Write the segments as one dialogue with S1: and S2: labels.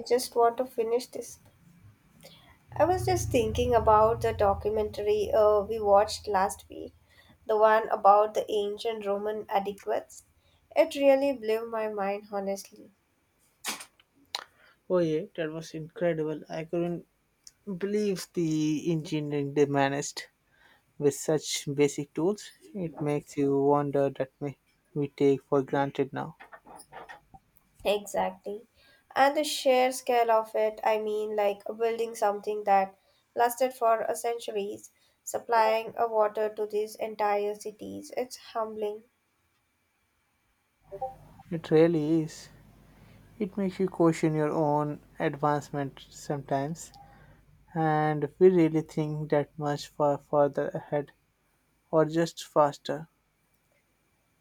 S1: I just want to finish this. I was just thinking about the documentary we watched last week, the one about the ancient Roman adequates. It really blew my mind, honestly.
S2: Oh yeah, that was incredible. I couldn't believe the engineering they managed with such basic tools. It makes you wonder that may we take for granted now.
S1: Exactly. And the sheer scale of it, I mean, like building something that lasted for centuries, supplying water to these entire cities, it's humbling.
S2: It really is. It makes you question your own advancement sometimes. And we really think that much far further ahead or just faster.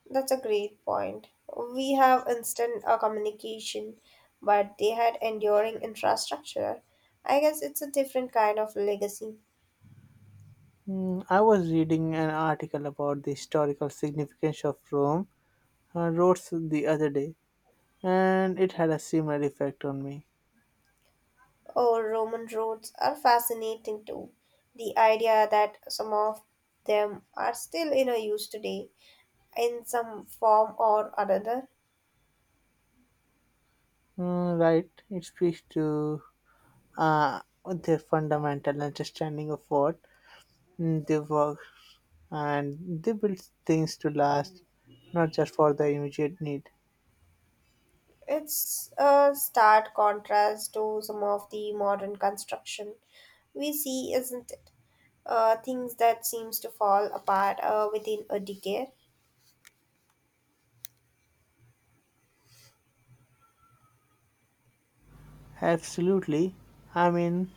S1: That's a great point. We have instant communication, but they had enduring infrastructure. I guess it's a different kind of legacy.
S2: I was reading an article about the historical significance of Rome roads the other day and it had a similar effect on me.
S1: Oh, Roman roads are fascinating too. The idea that some of them are still in a use today in some form or another.
S2: Mm, right, it speaks to uh, their fundamental understanding of what they work and they build things to last, not just for the immediate need.
S1: It's a stark contrast to some of the modern construction we see, isn't it? Things that seems to fall apart within a decade.
S2: Absolutely. I mean,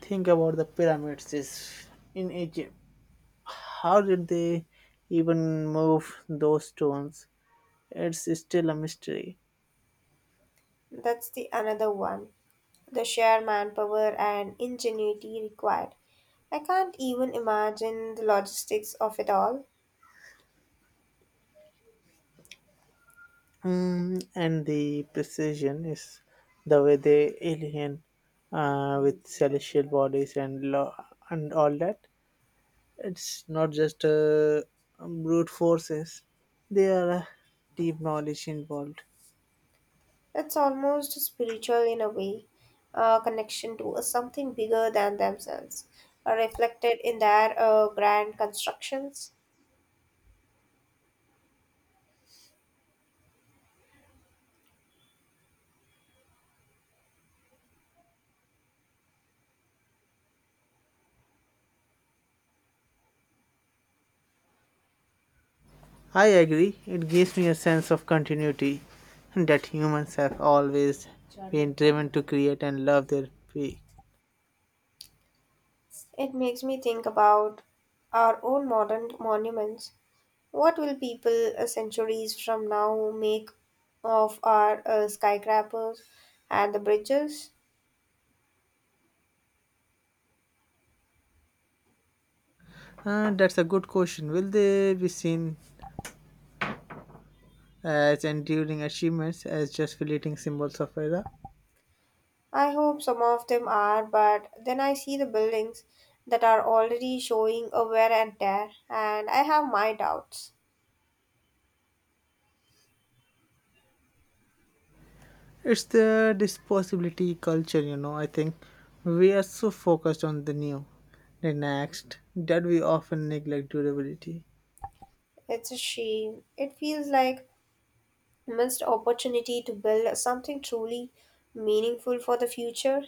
S2: think about the pyramids is in Egypt. How did they even move those stones? It's still a mystery.
S1: That's the another one. The sheer manpower and ingenuity required. I can't even imagine the logistics of it all.
S2: And the precision is the way they alien with celestial bodies and law and all that. It's not just brute forces; there are deep knowledge involved.
S1: It's almost spiritual in a way, a connection to something bigger than themselves, reflected in their grand constructions.
S2: I agree. It gives me a sense of continuity that humans have always been driven to create and love their prey.
S1: It makes me think about our own modern monuments. What will people centuries from now make of our skyscrapers and the bridges?
S2: That's a good question. Will they be seen as enduring achievements, as just fleeting symbols of era?
S1: I hope some of them are, but then I see the buildings that are already showing a wear and tear, and I have my doubts.
S2: It's the disposability culture. I think we are so focused on the new, the next, that we often neglect durability.
S1: It's a shame. It feels like missed opportunity to build something truly meaningful for the future.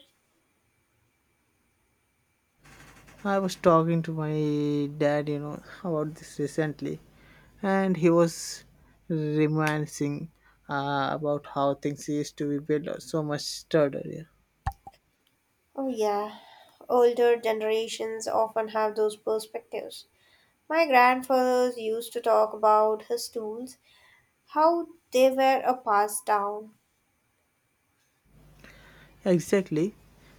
S2: I was talking to my dad about this recently, and he was reminiscing about how things used to be built so much sturdier.
S1: Oh yeah, older generations often have those perspectives. My grandfathers used to talk about his tools, how they were a passed down.
S2: Exactly,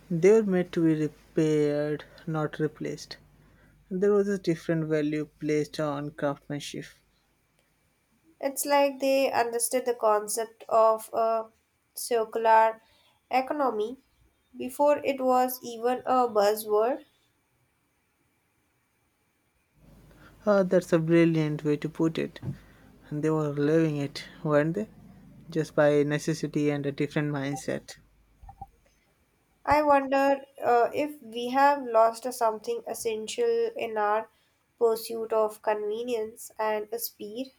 S2: they were meant to be repaired, not replaced. There was a different value placed on craftsmanship.
S1: It's like they understood the concept of a circular economy before it was even a buzzword.
S2: Oh, that's a brilliant way to put it. And they were living it, weren't they? Just by necessity and a different mindset.
S1: I wonder if we have lost something essential in our pursuit of convenience and speed.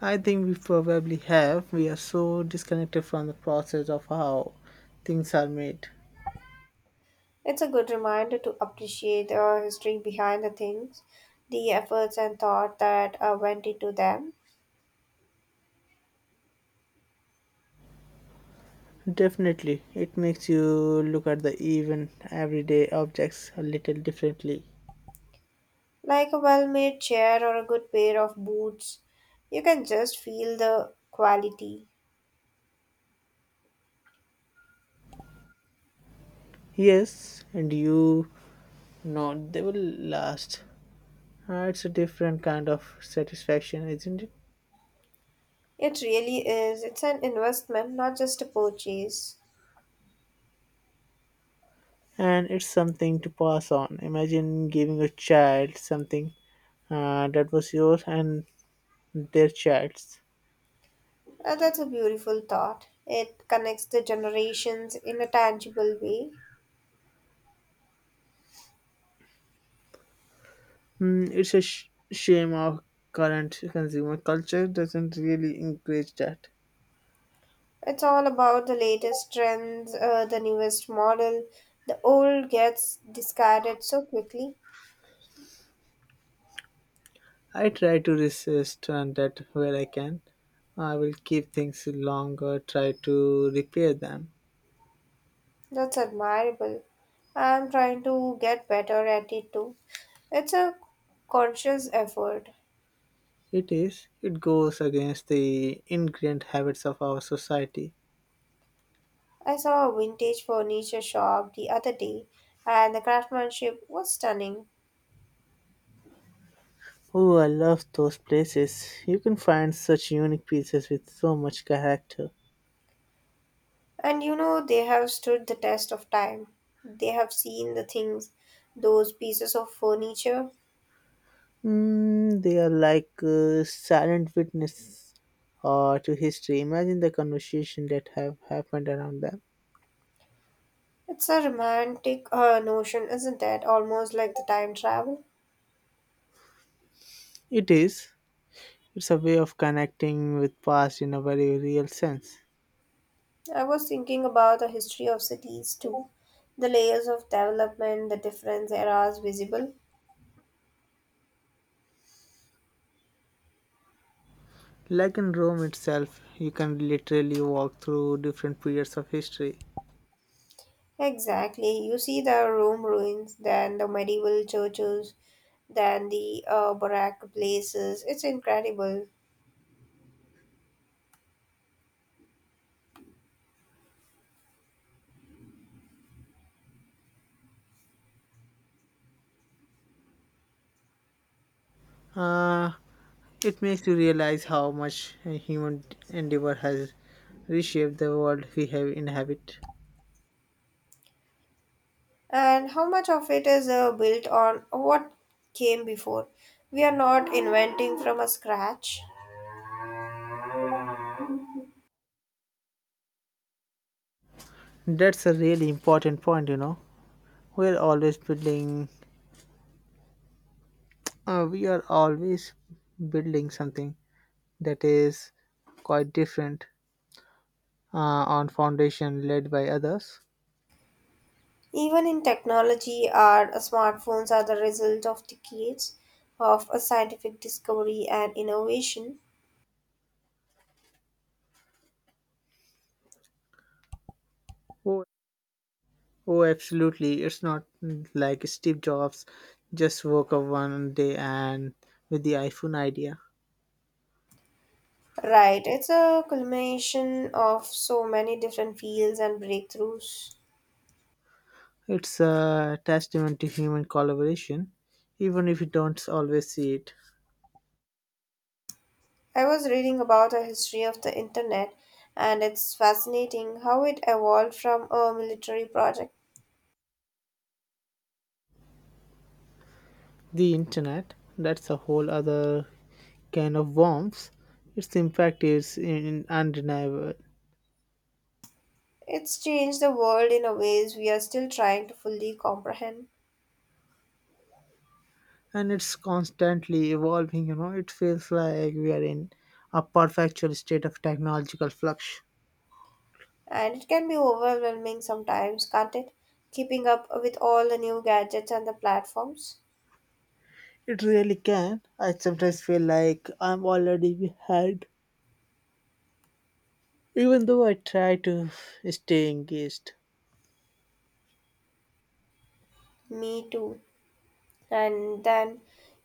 S2: I think we probably have. We are so disconnected from the process of how things are made.
S1: It's a good reminder to appreciate the history behind the things, the efforts and thought that went into them.
S2: Definitely, it makes you look at the even everyday objects a little differently.
S1: Like a well made chair or a good pair of boots, you can just feel the quality.
S2: Yes, and you know they will last. Ah, it's a different kind of satisfaction, isn't it?
S1: It really is. It's an investment, not just a purchase.
S2: And it's something to pass on. Imagine giving a child something that was yours and their child's.
S1: And that's a beautiful thought. It connects the generations in a tangible way.
S2: Mm, it's a shame our current consumer culture doesn't really encourage that.
S1: It's all about the latest trends, the newest model. The old gets discarded so quickly.
S2: I try to resist on that where I can. I will keep things longer, try to repair them.
S1: That's admirable. I'm trying to get better at it too. It's a conscious effort.
S2: It is, it goes against the ingrained habits of our society.
S1: I saw a vintage furniture shop the other day, and the craftsmanship was stunning.
S2: Oh, I love those places. You can find such unique pieces with so much character.
S1: And you know, they have stood the test of time. They have seen the things, those pieces of furniture.
S2: They are like silent witness to history. Imagine the conversation that have happened around them.
S1: It's a romantic notion, isn't it? Almost like the time travel.
S2: It is. It's a way of connecting with past in a very real sense.
S1: I was thinking about the history of cities too, the layers of development, the different eras visible.
S2: Like in Rome itself, you can literally walk through different periods of history.
S1: Exactly. You see the Rome ruins, then the medieval churches, then the barack places. It's incredible.
S2: Uh, it makes you realize how much a human endeavor has reshaped the world we have inhabit.
S1: And how much of it is built on what came before? We are not inventing from a scratch.
S2: That's a really important point, you know. We're always building, we are always building something that is quite different uh, on foundation led by others.
S1: Even in technology, our smartphones are the result of decades of a scientific discovery and innovation.
S2: Oh, oh, absolutely. It's not like Steve Jobs just woke up one day and with the iPhone idea.
S1: Right, it's a culmination of so many different fields and breakthroughs.
S2: It's a testament to human collaboration, even if you don't always see it.
S1: I was reading about a history of the internet and it's fascinating how it evolved from a military project.
S2: The internet, that's a whole other kind of warmth. Its impact is in, undeniable,
S1: It's changed the world in a ways we are still trying to fully comprehend
S2: and it's constantly evolving. You know, it feels like we are in a perpetual state of technological flux.
S1: and it can be overwhelming sometimes, can't it? Keeping up with all the new gadgets and the platforms.
S2: It really can. I sometimes feel like I'm already behind, even though I try to stay engaged.
S1: Me too. And then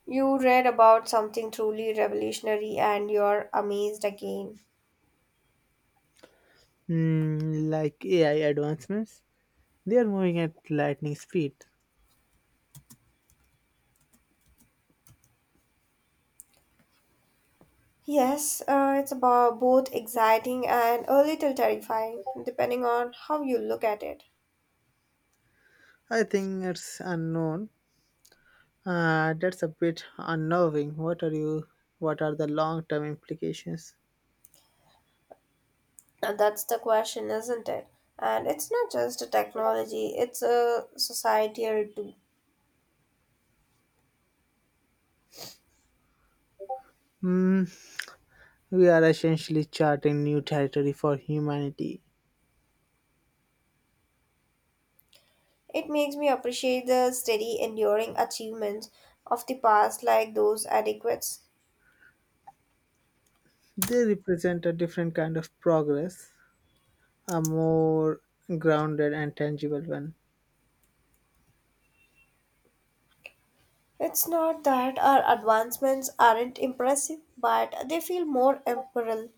S1: you read about something truly revolutionary and you're amazed again.
S2: Like AI advancements. They are moving at lightning speed.
S1: Yes, it's about both exciting and a little terrifying, depending on how you look at it.
S2: I think it's unknown. That's a bit unnerving. What are you? What are the long-term implications?
S1: And that's the question, isn't it? And it's not just a technology, it's a societal too.
S2: Hmm, we are essentially charting new territory for humanity.
S1: It makes me appreciate the steady, enduring achievements of the past, like those adequates.
S2: They represent a different kind of progress, a more grounded and tangible one.
S1: It's not that our advancements aren't impressive, but they feel more imperial.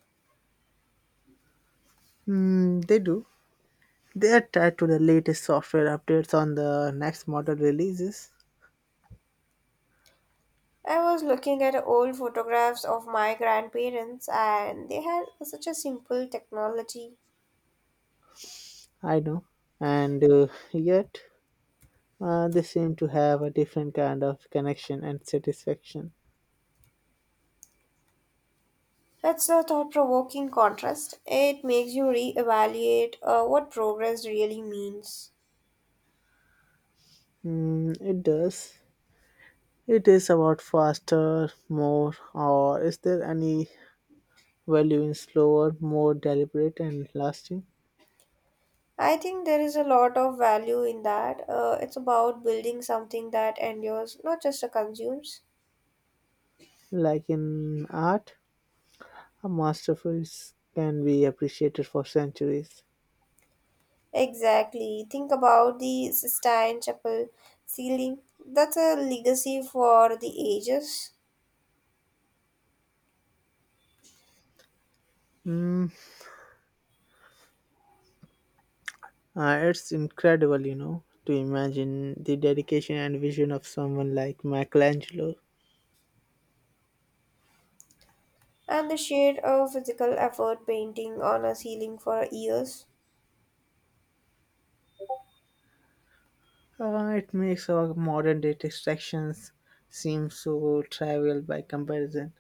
S2: Hmm, they do. They are tied to the latest software updates on the next model releases.
S1: I was looking at old photographs of my grandparents, and they had such a simple technology.
S2: I know, and yet they seem to have a different kind of connection and satisfaction.
S1: It's a thought provoking contrast. It makes you reevaluate what progress really means.
S2: Mm, it does. It is about faster, more, or is there any value in slower, more deliberate and lasting?
S1: I think there is a lot of value in that. It's about building something that endures, not just consumes.
S2: Like in art, a masterpiece can be appreciated for centuries.
S1: Exactly. Think about the Sistine Chapel ceiling. That's a legacy for the ages.
S2: Mm, it's incredible, you know, to imagine the dedication and vision of someone like Michelangelo.
S1: And the sheer physical effort painting on a ceiling for years,
S2: It makes our modern day distractions seem so trivial by comparison.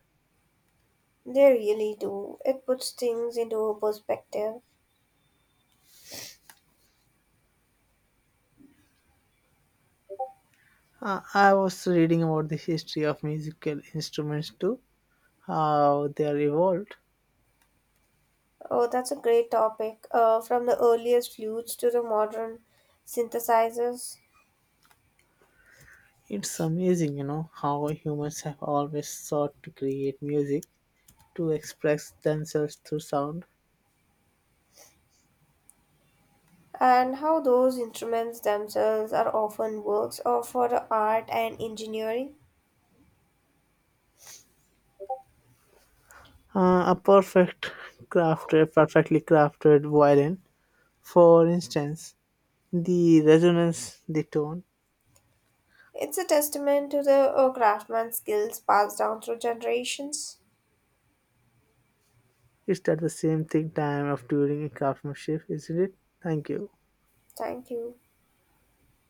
S1: they really do. It puts things into perspective.
S2: I was reading about the history of musical instruments too, how they are evolved.
S1: Oh, that's a great topic. From the earliest flutes to the modern synthesizers,
S2: It's amazing, you know, how humans have always sought to create music to express themselves through sound.
S1: and how those instruments themselves are often works of for the art and engineering.
S2: A perfectly crafted violin, for instance, the resonance, the tone,
S1: It's a testament to the craftsman's skills passed down through generations.
S2: it's at the same thing time of during a craftsmanship, isn't it? Thank you.
S1: Thank you.